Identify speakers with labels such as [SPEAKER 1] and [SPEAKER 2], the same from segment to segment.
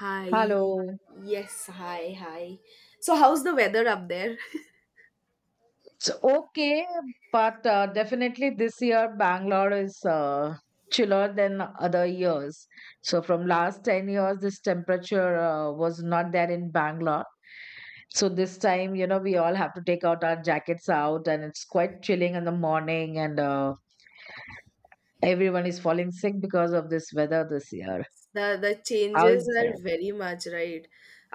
[SPEAKER 1] Hi.
[SPEAKER 2] Hello.
[SPEAKER 1] Yes, hi, hi. So how's the weather up there?
[SPEAKER 2] It's okay, but definitely this year Bangalore is chiller than other years. So from last 10 years, this temperature was not there in Bangalore. So this time, we all have to take out our jackets out, and it's quite chilling in the morning, and everyone is falling sick because of this weather this year.
[SPEAKER 1] The
[SPEAKER 2] How
[SPEAKER 1] changes
[SPEAKER 2] is
[SPEAKER 1] are
[SPEAKER 2] that?
[SPEAKER 1] very much, right?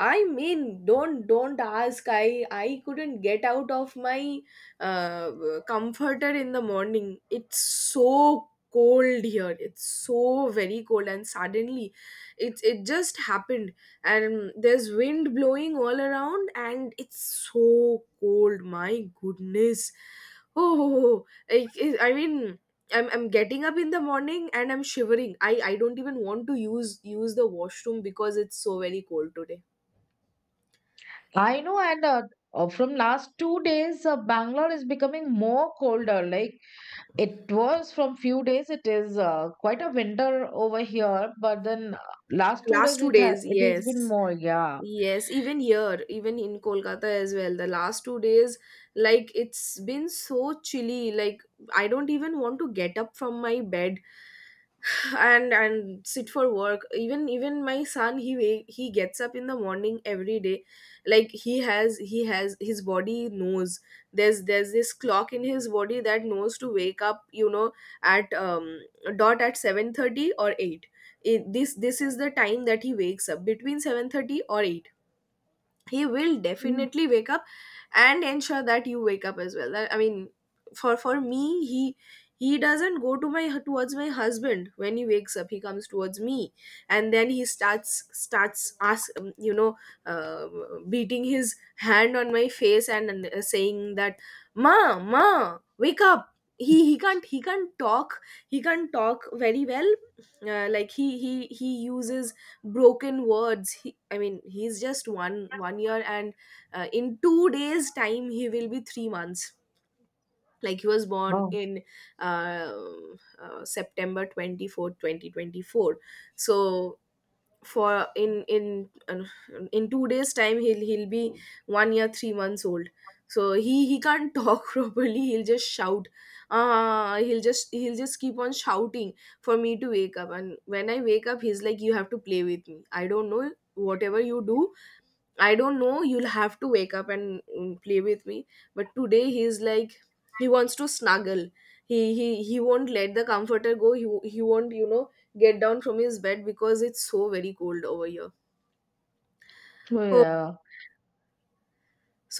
[SPEAKER 1] I mean, don't ask. I couldn't get out of my uh, comforter in the morning. It's so cold here. It's so very cold, and suddenly it just happened. And there's wind blowing all around, and it's so cold. My goodness. Oh, oh, oh. I, I mean, I'm getting up in the morning and I'm shivering. I don't even want to use the washroom because it's so very cold today.
[SPEAKER 2] I know, and from last 2 days, Bangalore is becoming more colder. Like it was from few days. It is quite a winter over here, but then last two
[SPEAKER 1] Last
[SPEAKER 2] days
[SPEAKER 1] two
[SPEAKER 2] it ha
[SPEAKER 1] days,
[SPEAKER 2] it has been
[SPEAKER 1] yes.
[SPEAKER 2] more. Yeah.
[SPEAKER 1] Yes, even here, even in Kolkata as well, the last 2 days, like, it's been so chilly. Like, I don't even want to get up from my bed and sit for work. Even my son, he gets up in the morning every day. Like, he has his body knows. There's this clock in his body that knows to wake up, at dot at 7:30 or 8. This is the time that he wakes up, between 7:30 or 8. He will
[SPEAKER 2] Mm.
[SPEAKER 1] definitely wake up and ensure that you wake up as well. I mean, for me, he doesn't go to my towards my husband. When he wakes up, he comes towards me, and then he starts starts ask uh, beating his hand on my face, and saying that, ma, ma, wake up. He can't. He can't talk. He can't talk very well. Like, he uses broken words. I mean, he's just one year, and in 2 days time he will be 3 months Like, he was born
[SPEAKER 2] Oh.
[SPEAKER 1] in uh, September 24th, twenty 24 2024. So, for in 2 days time he'll be 1 year 3 months old. So he can't talk properly. He'll just shout. He'll just keep on shouting for me to wake up. And when I wake up he's like, "You have to play with me. I don't know, whatever you do. I don't know, you'll have to wake up and play with me." But today he's like, he wants to snuggle. He won't let the comforter go. He won't, get down from his bed because it's so very cold over here.
[SPEAKER 2] So
[SPEAKER 1] Oh,
[SPEAKER 2] yeah.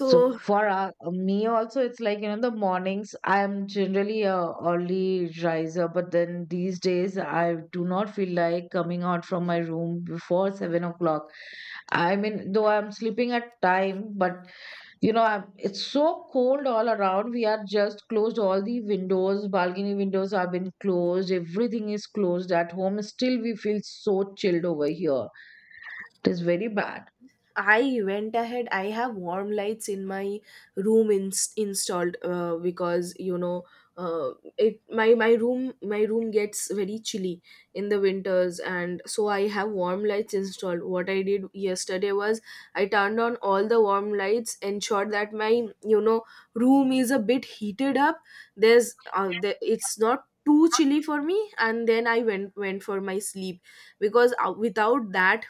[SPEAKER 2] So for me also, it's like, the mornings. I am generally a early riser, but then these days I do not feel like coming out from my room before 7 o'clock. I mean, though I'm sleeping at time, but it's so cold all around. We are just closed. All the windows, balcony windows have been closed. Everything is closed at home. Still, we feel so chilled over here. It is very bad.
[SPEAKER 1] I went ahead. I have warm lights in my room installed, because uh, it my room my room gets very chilly in the winters, and so I have warm lights installed. What I did yesterday was, I turned on all the warm lights, ensured that my you know room is a bit heated up. There's it's not too chilly for me, and then I went for my sleep, because without that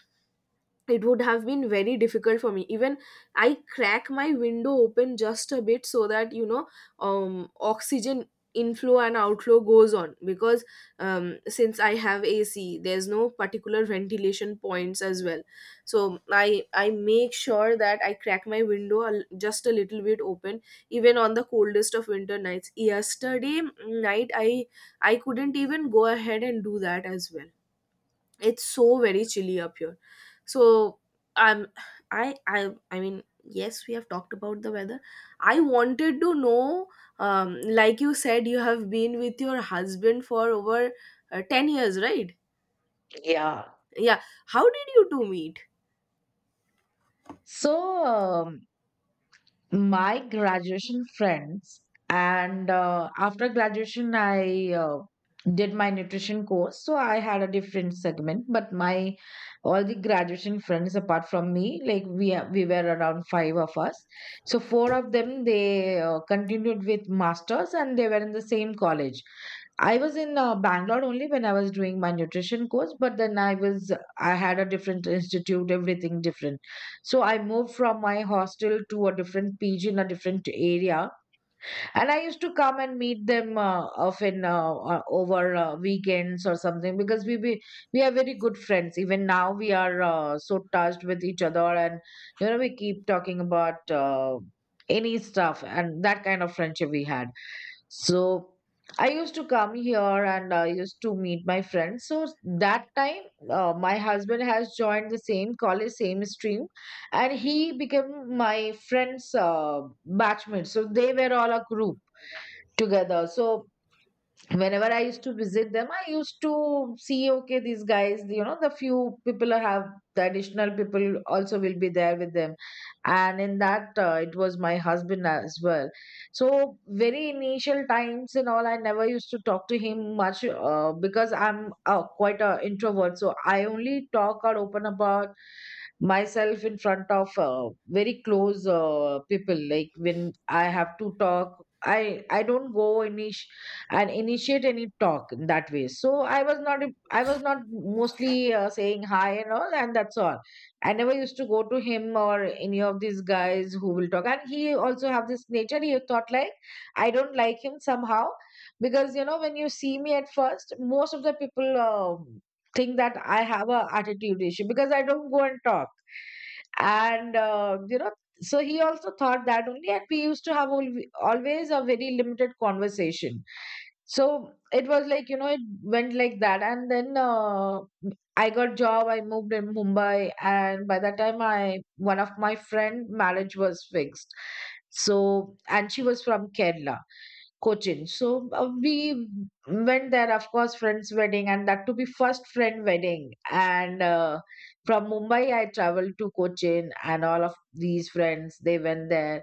[SPEAKER 1] it would have been very difficult for me. Even I crack my window open just a bit, so that oxygen inflow and outflow goes on. Because, since I have AC, there's no particular ventilation points as well. So I make sure that I crack my window just a little bit open, even on the coldest of winter nights. Yesterday night I couldn't even go ahead and do that as well. It's so very chilly up here. So, um I mean, yes, we have talked about the weather. I wanted to know, like you said, you have been with your husband for over 10 years, right?
[SPEAKER 2] Yeah.
[SPEAKER 1] Yeah. How did you two meet?
[SPEAKER 2] So, my graduation friends, and after graduation I did my nutrition course, so I had a different segment, but my all the graduation friends apart from me, like, we were around five of us. So four of them, they continued with masters and they were in the same college. I was in Bangalore only when I was doing my nutrition course, but then I had a different institute, everything different. So I moved from my hostel to a different PG in a different area, and I used to come and meet them often over weekends or something, because we are very good friends. Even now we are so touched with each other, and we keep talking about any stuff, and that kind of friendship we had. So I used to come here and I used to meet my friends. So that time, my husband has joined the same college, same stream, and he became my friend's batchmate. So they were all a group together. So whenever I used to visit them, I used to see, okay, these guys, the few people have, the additional people also will be there with them. And in that, it was my husband as well. So very initial times and all, I never used to talk to him much because I'm quite an introvert. So I only talk or open about myself in front of very close people, like when I have to talk, I don't go init- and initiate any talk in that way. So I was not mostly saying hi and all, and that's all. I never used to go to him or any of these guys who will talk, and he also have this nature. He thought like, I don't like him somehow, because when you see me at first, most of the people think that I have a attitude issue because I don't go and talk. And so he also thought that only, and we used to have always a very limited conversation. So it was like, it went like that, and then I got job. I moved in Mumbai, and by that time, I one of my friend marriage was fixed. So and she was from Kerala, Cochin. So we went there, of course, friend's wedding, and that to be first friend wedding. And from Mumbai, I traveled to Cochin, and all of these friends, they went there.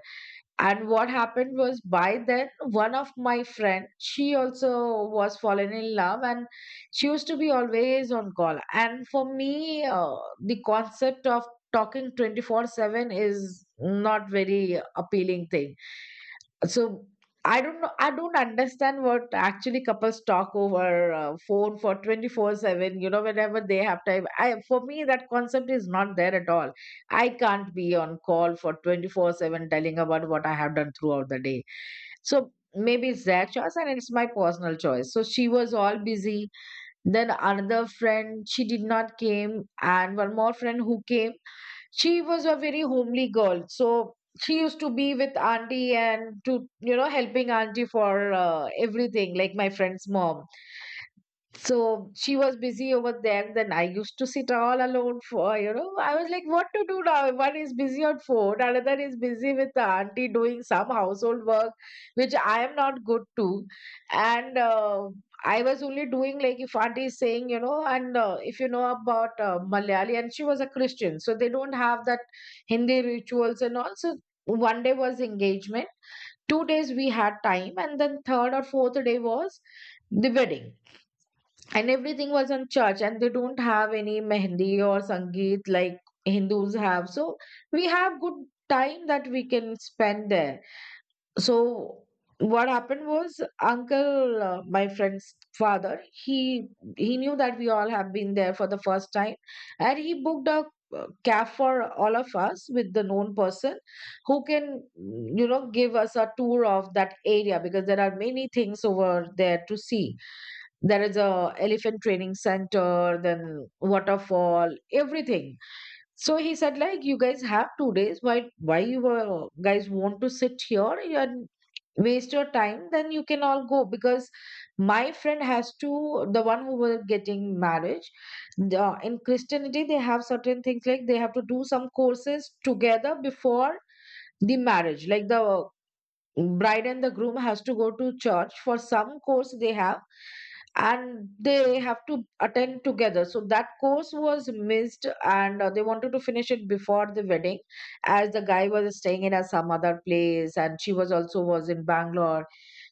[SPEAKER 2] And what happened was, by then, one of my friend, she also was fallen in love, and she used to be always on call. And for me, the concept of talking 24/7 is not very appealing thing, so I don't know. I don't understand what actually couples talk over phone for 24/7, whenever they have time. I For me, that concept is not there at all. I can't be on call for 24/7 telling about what I have done throughout the day. So maybe it's their choice and it's my personal choice. So she was all busy. Then another friend, she did not came, and one more friend who came, she was a very homely girl. So she used to be with auntie, and to, helping auntie for everything, like my friend's mom. So she was busy over there. Then I used to sit all alone for, I was like, what to do now? One is busy on phone, another is busy with the auntie doing some household work, which I am not good to. And I was only doing like, if auntie is saying, and if you know about Malayali, and she was a Christian, so they don't have that Hindi rituals and all. So one day was engagement, 2 days we had time, and then third or fourth day was the wedding, and everything was on church, and they don't have any mehndi or sangeet like Hindus have. So we have good time that we can spend there. So what happened was uncle, my friend's father, he knew that we all have been there for the first time, and he booked a cab for all of us with the known person who can, give us a tour of that area, because there are many things over there to see. There is a elephant training center, then waterfall, everything. So he said like, you guys have 2 days, why you guys want to sit here and waste your time? Then you can all go, because my friend has to, the one who was getting marriage, the, in Christianity they have certain things, like they have to do some courses together before the marriage, like the bride and the groom has to go to church for some course they have, and they have to attend together. So that course was missed, and they wanted to finish it before the wedding, as the guy was staying in some other place, and she was also was in Bangalore.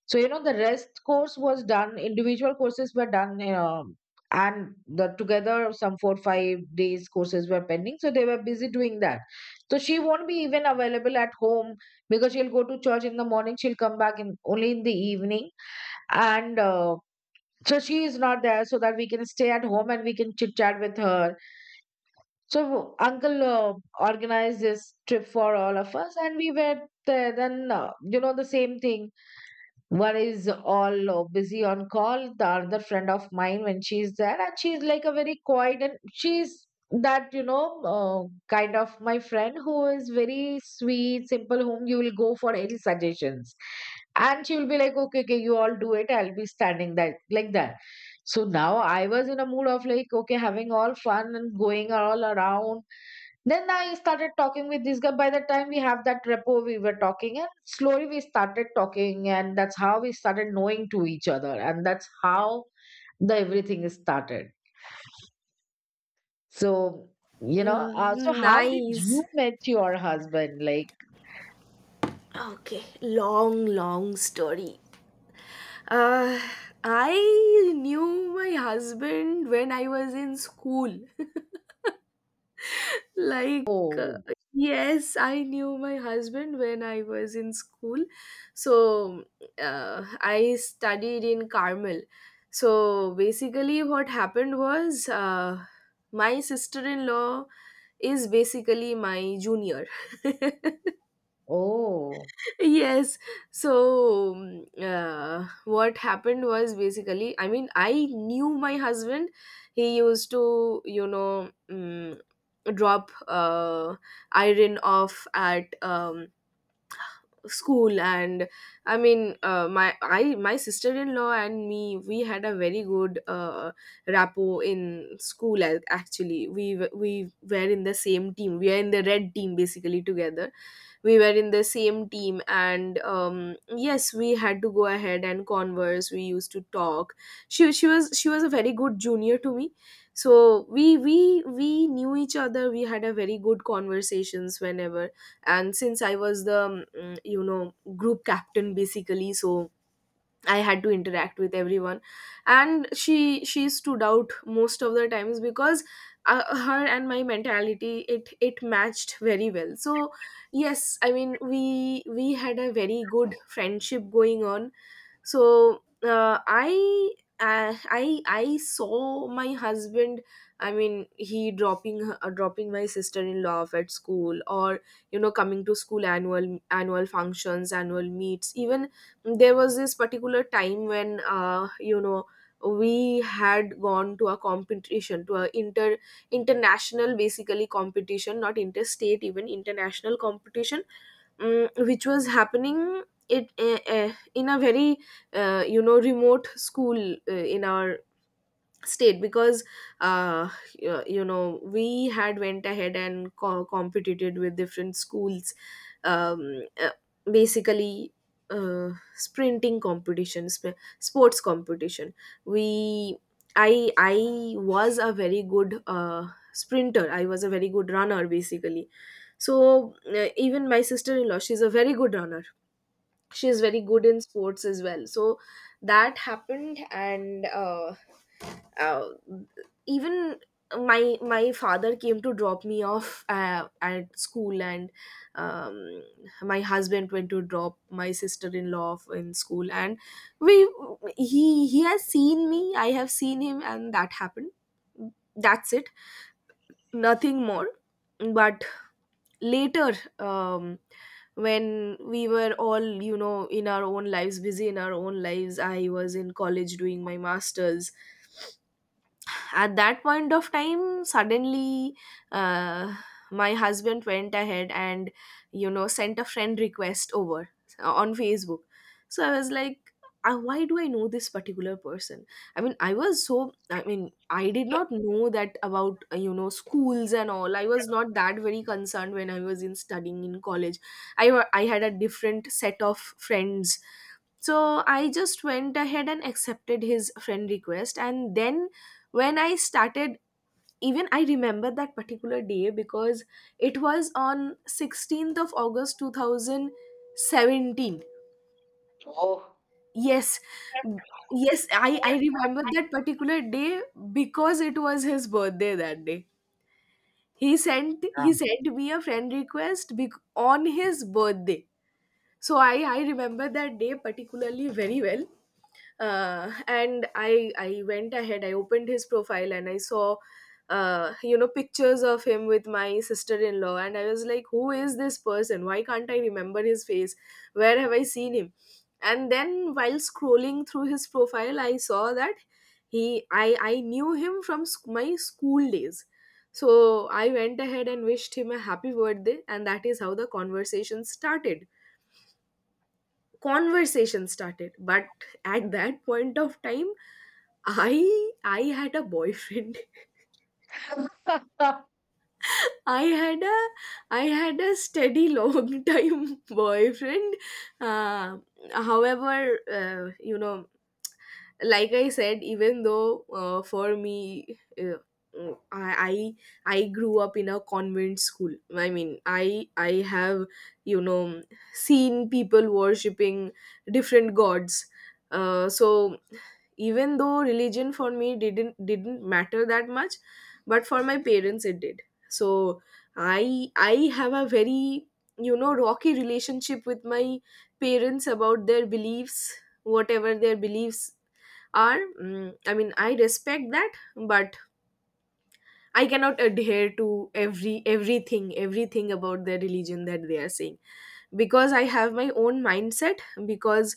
[SPEAKER 2] So the rest course was done, individual courses were done, and the together some 4 or 5 days courses were pending, so they were busy doing that. So she won't be even available at home, because she'll go to church in the morning, she'll come back in only in the evening. And so she is not there, so that we can stay at home and we can chit chat with her. So uncle organized this trip for all of us, and we were there. Then, the same thing. One is all busy on call, the other friend of mine, when she's there, and she's like a very quiet, and she's that, kind of my friend who is very sweet, simple, whom you will go for any suggestions, and she will be like, okay, okay, you all do it, I'll be standing that like that. So now I was in a mood of like, okay, having all fun and going all around. Then I started talking with this guy. By the time we have that repo, we were talking, and slowly we started talking, and that's how we started knowing to each other, and that's how the everything is started. So, so
[SPEAKER 1] Mm,
[SPEAKER 2] how did you
[SPEAKER 1] nice.
[SPEAKER 2] met your husband? Like,
[SPEAKER 1] Okay, long, long story. uh I knew my husband when I was in school, like,
[SPEAKER 2] oh,
[SPEAKER 1] yes, I knew my husband when I was in school. So, I studied in Carmel. So basically what happened was, my sister-in-law is basically my junior.
[SPEAKER 2] oh,
[SPEAKER 1] Yes. So what happened was basically, I mean, I knew my husband. He used to, drop, iron off at, school. And I mean, my sister-in-law and me, we had a very good rapport in school. Actually, we were in the same team. We are in the red team, basically, together. We were in the same team, and yes, we had to go ahead and converse. We used to talk. She was a very good junior to me. So we knew each other. We had a very good conversations, whenever. And since I was the group captain basically, so I had to interact with everyone, and she stood out most of the times, because her and my mentality, it matched very well. So yes, I mean, we had a very good friendship going on. So, I saw my husband. I mean, he dropping my sister in law off at school, or coming to school, annual functions, annual meets. Even there was this particular time when, we had gone to a competition, to a international basically competition, not interstate, even international competition, which was happening, it in a very, remote school, in our state, because uh, we had went ahead and competed with different schools. um, uh, Basically, sprinting competition, sports competition. We I was a very good, sprinter. I was a very good runner, basically. So, even my sister-in-law, she's a very good runner. She is very good in sports as well. So that happened. And uh, even my father came to drop me off, at school, and um, my husband went to drop my sister-in-law off in school. And we he has seen me, I have seen him, and that happened. That's it. Nothing more. But later, um, when we were all in our own lives, busy in our own lives, I was in college doing my masters. At that point of time, suddenly, uh, my husband went ahead and sent a friend request over, on Facebook. So I was like, "Ah, why do I know this particular person?" I mean, I was so, I mean, I did not know that about, schools and all. I was not that very concerned when I was in studying in college. I had a different set of friends. So I just went ahead and accepted his friend request. And then when I started, even I remember that particular day, because it was on 16th of August 2017.
[SPEAKER 2] oh.
[SPEAKER 1] Yes, yes, I remember that particular day, because it was his birthday that day. he sent
[SPEAKER 2] Yeah.
[SPEAKER 1] he sent me a friend request, on his birthday. So I remember that day particularly very well. And I went ahead, I opened his profile, and I saw pictures of him with my sister-in-law. And I was like, "Who is this person? Why can't I remember his face? Where have I seen him?" And then while scrolling through his profile I saw that, he I knew him from my school days. So I went ahead and wished him a happy birthday, and that is how the conversation started conversation started. But at that point of time, i I had a boyfriend. i had a I had a steady, long time boyfriend. uh, However, uh, you know like I said, even though, for me, uh, I, I I grew up in a convent school. I mean, I have you know seen people worshipping different gods. So even though religion for me didn't matter that much, but for my parents it did. So I have a very rocky relationship with my parents about their beliefs. Whatever their beliefs are, I mean, I respect that. But I cannot adhere to everything about their religion that they are saying, because I have my own mindset. Because,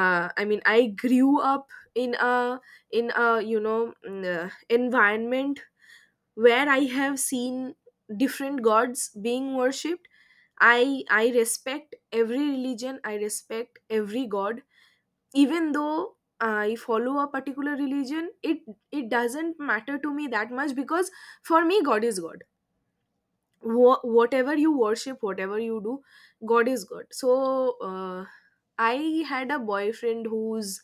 [SPEAKER 1] I mean, I grew up in a in a environment where I have seen different gods being worshipped. I respect every religion, I respect every god. Even though I follow a particular religion, it doesn't matter to me that much, because for me God is God. Whatever you worship, whatever you do, God is God. So, uh, I had a boyfriend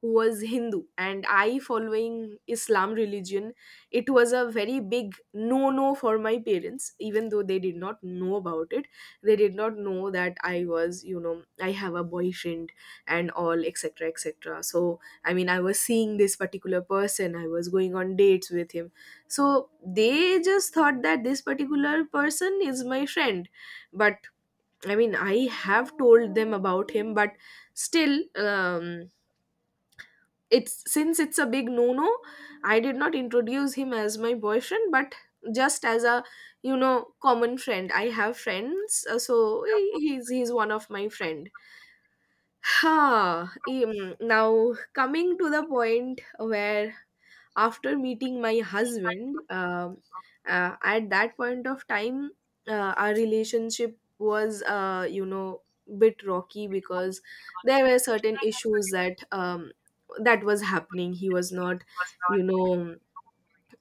[SPEAKER 1] who was Hindu, and I following Islam religion. It was a very big no no for my parents, even though they did not know about it. They did not know that I was, I have a boyfriend and all, etc., etc. So I mean, I was seeing this particular person, I was going on dates with him. So they just thought that this particular person is my friend. But I have told them about him, but still, um, it's since it's a big no-no. I did not introduce him as my boyfriend, but just as a common friend. I have friends, so he's one of my friend. Ha! Now coming to the point where after meeting my husband, at that point of time our relationship was, bit rocky because there were certain issues that, that was happening. He was not, you know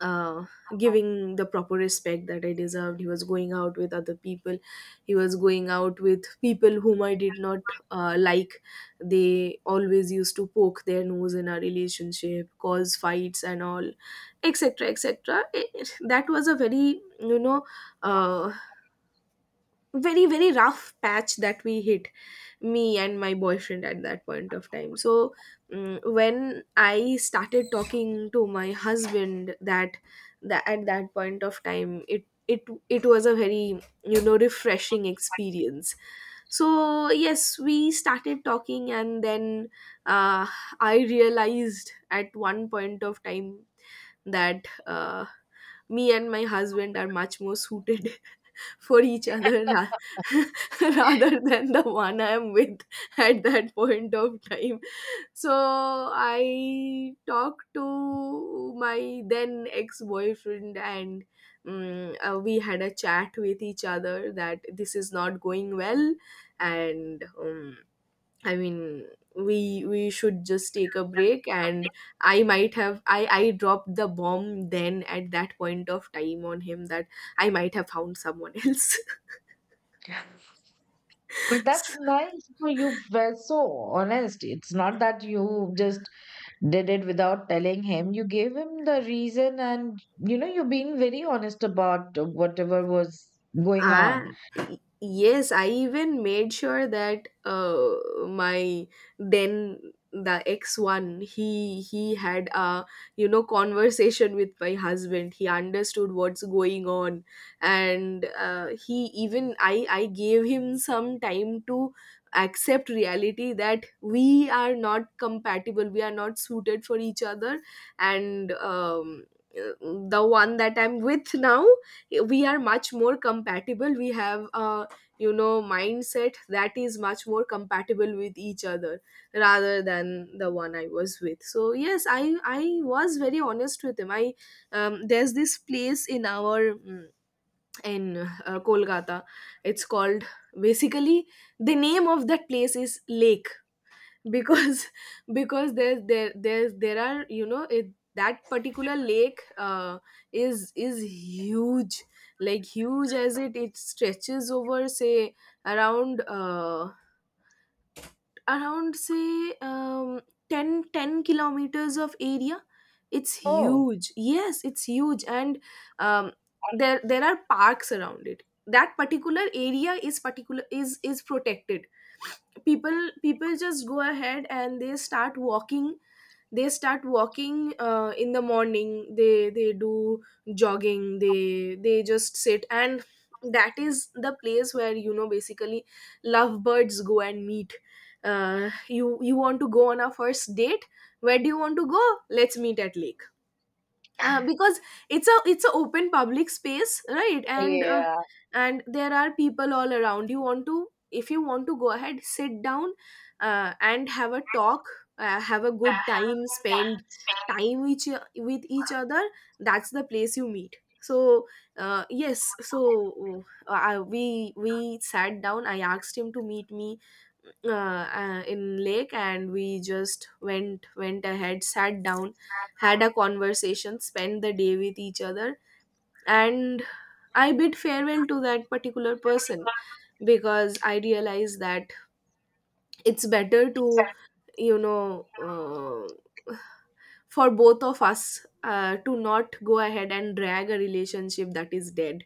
[SPEAKER 1] uh, giving the proper respect that I deserved. He was going out with other people. He was going out with people whom I did not, like. They always used to poke their nose in our relationship, cause fights and all, etc. etc. That was a very, uh, very rough patch that we hit, me and my boyfriend at that point of time. So, when I started talking to my husband, that at that point of time, it was a very, refreshing experience. So yes, we started talking, and then, uh, I realized at one point of time that, me and my husband are much more suited for each other rather than the one I am with at that point of time. So I talked to my then ex boyfriend, and we had a chat with each other that this is not going well, and, I mean, we should just take a break. And I might have I dropped the bomb then at that point of time on him that I might have found someone else.
[SPEAKER 2] But that's nice. You were so honest. It's not that you just did it without telling him. You gave him the reason, and, you're being very honest about whatever was going
[SPEAKER 1] I.
[SPEAKER 2] on.
[SPEAKER 1] Yes, I even made sure that, my then the ex one, he had a, conversation with my husband. He understood what's going on, and, he even, I gave him some time to accept reality that we are not compatible. We are not suited for each other, and. The one that I'm with now, we are much more compatible. We have a, mindset that is much more compatible with each other rather than the one I was with. So yes, I was very honest with him. I There's this place in our, mm, in Kolkata. It's called, basically the name of that place is Lake, because because there there are, it, that particular lake, is huge. Like huge, as it stretches over say around, around say 10 ten kilometers of area. It's
[SPEAKER 2] Oh,
[SPEAKER 1] huge, yes, it's huge. And, um, there are parks around it. That particular area is particular, is protected. People just go ahead and they start walking. They start walking, in the morning, they do jogging, they just sit. And that is the place where, basically, lovebirds go and meet. You, you want to go on our first date. Where do you want to go? Let's meet at Lake. Because it's a open public space, right? And,
[SPEAKER 2] yeah,
[SPEAKER 1] and there are people all around. You want to, if you want to go ahead, sit down, and have a talk, have a good time, spend time each, with each other. That's the place you meet. So, we sat down, I asked him to meet me, uh, in Lake. And we just went ahead, sat down, had a conversation, spent the day with each other. And I bid farewell to that particular person because I realized that it's better to, you know, uh, for both of us, to not go ahead and drag a relationship that is dead.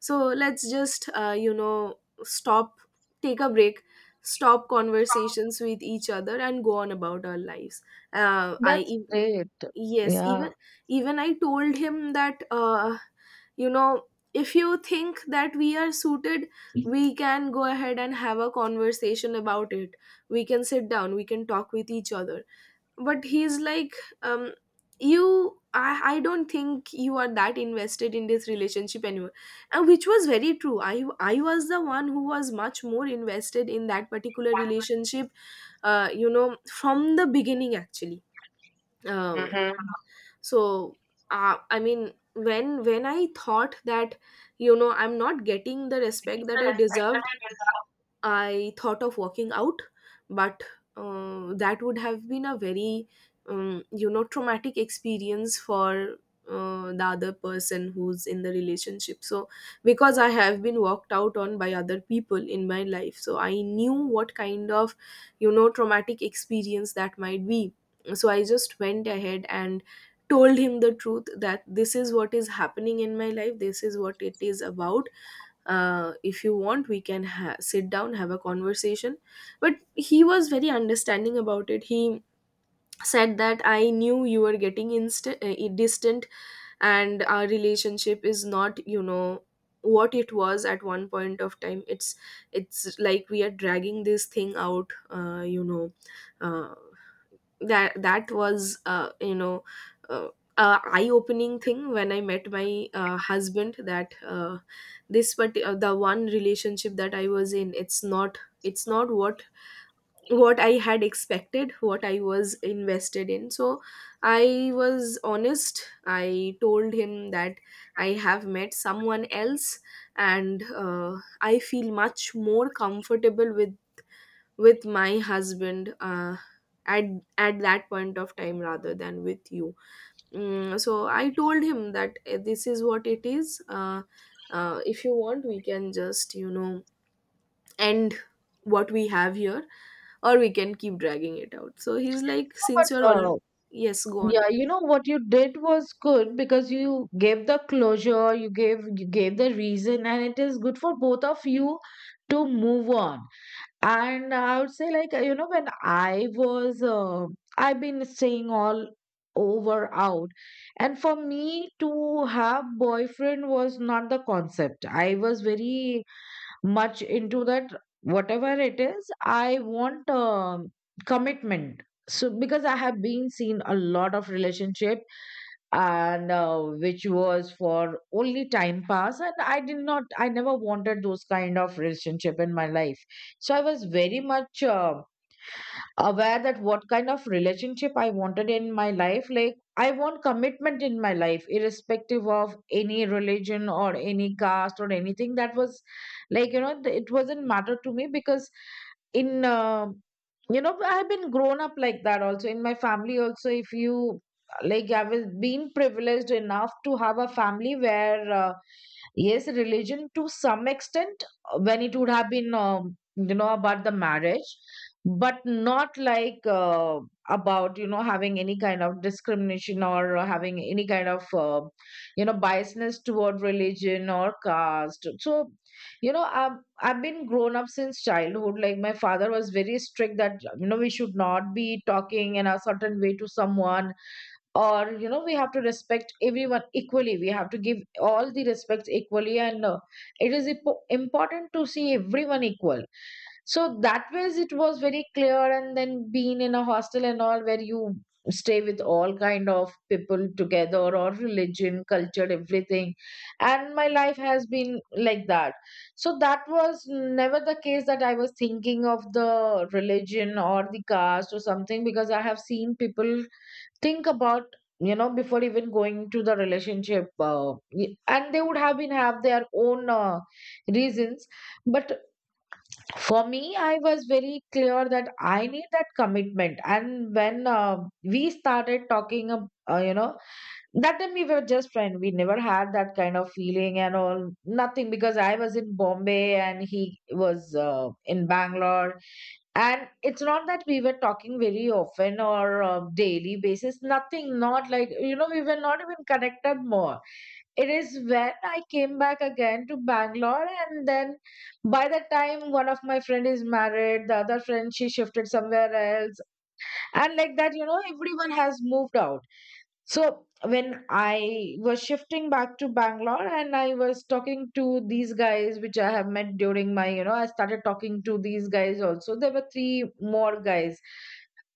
[SPEAKER 1] So let's just, stop, take a break, stop conversations with each other, and go on about our lives.
[SPEAKER 2] that's
[SPEAKER 1] I.
[SPEAKER 2] great.
[SPEAKER 1] Yes,
[SPEAKER 2] Yeah.
[SPEAKER 1] even, even I told him that, you know if you think that we are suited, we can go ahead and have a conversation about it. We can sit down, we can talk with each other. But he's like, um you, I don't think you are that invested in this relationship anymore. And which was very true, I was the one who was much more invested in that particular relationship, from the beginning actually. Um
[SPEAKER 2] Mm-hmm.
[SPEAKER 1] so when I thought that, I'm not getting the respect that I deserve, I thought of walking out. But, that would have been a very, traumatic experience for, the other person who's in the relationship. So, because I have been walked out on by other people in my life, so I knew what kind of, traumatic experience that might be. So, I just went ahead and told him the truth that this is what is happening in my life, this is what it is about. If you want, we can sit down, have a conversation. But he was very understanding about it. He said that I knew you were getting distant, and our relationship is not, what it was at one point of time. It's like we are dragging this thing out, uh, that that was, uh, a eye-opening thing when I met my, husband. That, this, but, the one relationship that I was in, it's not, it's not what, what I had expected, what I was invested in. So I was honest, I told him that I have met someone else. And, I feel much more comfortable with my husband, at at that point of time rather than with you. Mm, so I told him that, this is what it is. If you want, we can just, end what we have here, or we can keep dragging it out. So he's like, since
[SPEAKER 2] But
[SPEAKER 1] you're all, yes, go on.
[SPEAKER 2] yeah, you know what you did was good, because you gave the closure, you gave the reason, and it is good for both of you to move on. And I would say, like, when I've been staying all over out. And for me to have boyfriend was not the concept. I was very much into that. Whatever it is, I want commitment. So, because I have been seen a lot of relationship, and no, which was for only time pass, and I did not I never wanted those kind of relationship in my life. So I was very much aware that what kind of relationship I wanted in my life. Like, I want commitment in my life, irrespective of any religion or any caste or anything. That was like, you know, it wasn't matter to me because in, uh, you know, I've been grown up like that also. In my family, also, if you like, I was being privileged enough to have a family where, yes, religion to some extent, when it would have been, you know, about the marriage but not like about you know having any kind of discrimination or having any kind of you know biasness toward religion or caste. So you know I've been grown up since childhood. Like, my father was very strict that you know we should not be talking in a certain way to someone or you know we have to respect everyone equally, we have to give all the respect equally, and it is important to see everyone equal. So that ways it was very clear, and then being in a hostel and all where you stay with all kind of people together, or religion, culture, everything, and my life has been like that. So that was never the case that I was thinking of the religion or the caste or something, because I have seen people think about, you know, before even going to the relationship, and they would have been have their own reasons. But for me, I was very clear that I need that commitment. And when we started talking you know, that time we were just friends, we never had that kind of feeling and all, nothing, because I was in Bombay and he was in Bangalore. And it's not that we were talking very often or daily basis, nothing, not like you know we were not even connected more. It is when I came back again to Bangalore, and then by the time one of my friend is married, the other friend she shifted somewhere else, and like that, you know, everyone has moved out. So when I was shifting back to Bangalore and I was talking to these guys, which I have met during my, you know, I started talking to these guys also. There were three more guys.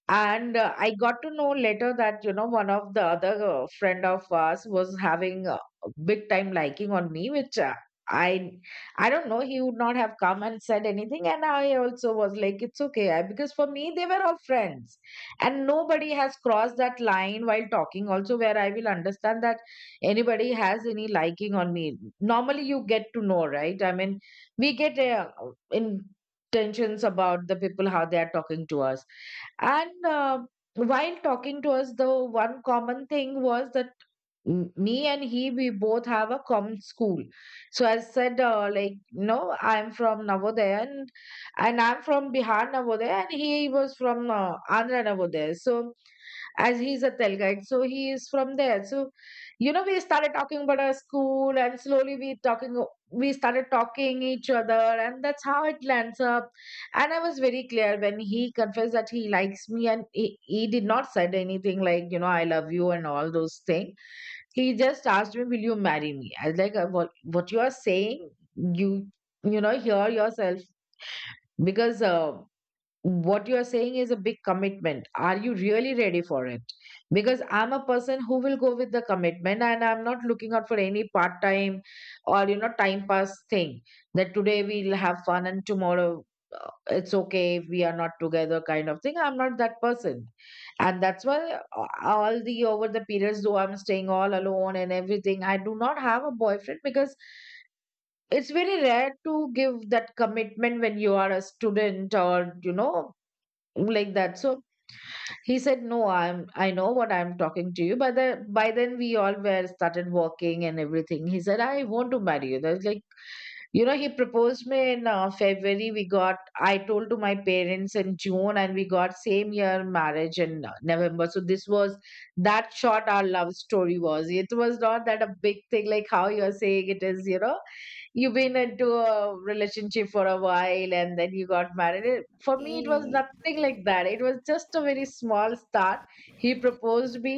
[SPEAKER 2] And I got to know later that, you know, one of the other friend of us was having a big time liking on me, which I I don't know, he would not have come and said anything. And I also was like, it's okay. I, because for me, they were all friends and nobody has crossed that line while talking also where I will understand that anybody has any liking on me. Normally you get to know, right? I mean, we get intentions about the people how they are talking to us. And while talking to us, the one common thing was that me and he, we both have a common school. So I said like, no, I'm from Navodaya, and I'm from Bihar Navodaya, and he was from Andhra Navodaya. So as he's a Telgite, so he is from there. So you know we started talking about our school, and slowly we talking we started talking each other, and that's how it lands up. And I was very clear when he confessed that he likes me, and he did not said anything like you know I love you and all those things. He just asked me, "Will you marry me?" I was like, "What? What you are saying? You, you know, hear yourself because what you are saying is a big commitment. Are you really ready for it? Because I'm a person who will go with the commitment and I'm not looking out for any part time or, you know, time pass thing, that today we'll have fun and tomorrow it's okay if we are not together kind of thing. I'm not that person. And that's why all the over the periods, though I'm staying all alone and everything, I do not have a boyfriend because it's very rare to give that commitment when you are a student or you know, like that. So he said, no, I'm, I know what I'm talking to you, but the, by then we all were started walking and everything. He said, I want to marry you. That's like, you know, he proposed me in February. We got, I told to my parents in June, and we got same year marriage in November. So this was that short our love story was. It was not that a big thing like how you're saying it is. You know, you've been into a relationship for a while and then you got married. It- For me, it was nothing like that. It was just a very small start. He proposed me.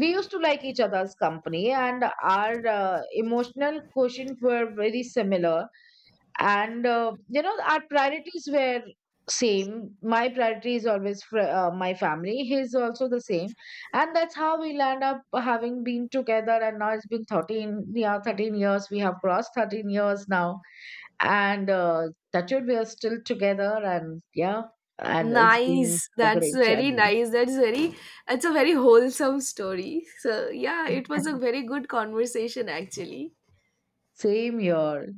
[SPEAKER 2] We used to like each other's company, and our emotional quotient were very similar, and you know our priorities were same. My priority is always for my family, his also the same. And that's how we land up having been together. And now it's been 13, yeah, 13 years, we have crossed 13 years now. And that we are still together, and yeah, and it's been
[SPEAKER 1] Nice,
[SPEAKER 2] a
[SPEAKER 1] that's
[SPEAKER 2] great
[SPEAKER 1] very
[SPEAKER 2] journey.
[SPEAKER 1] nice, that's very, it's a very wholesome story. So yeah, it was a very good conversation actually.
[SPEAKER 2] Same here.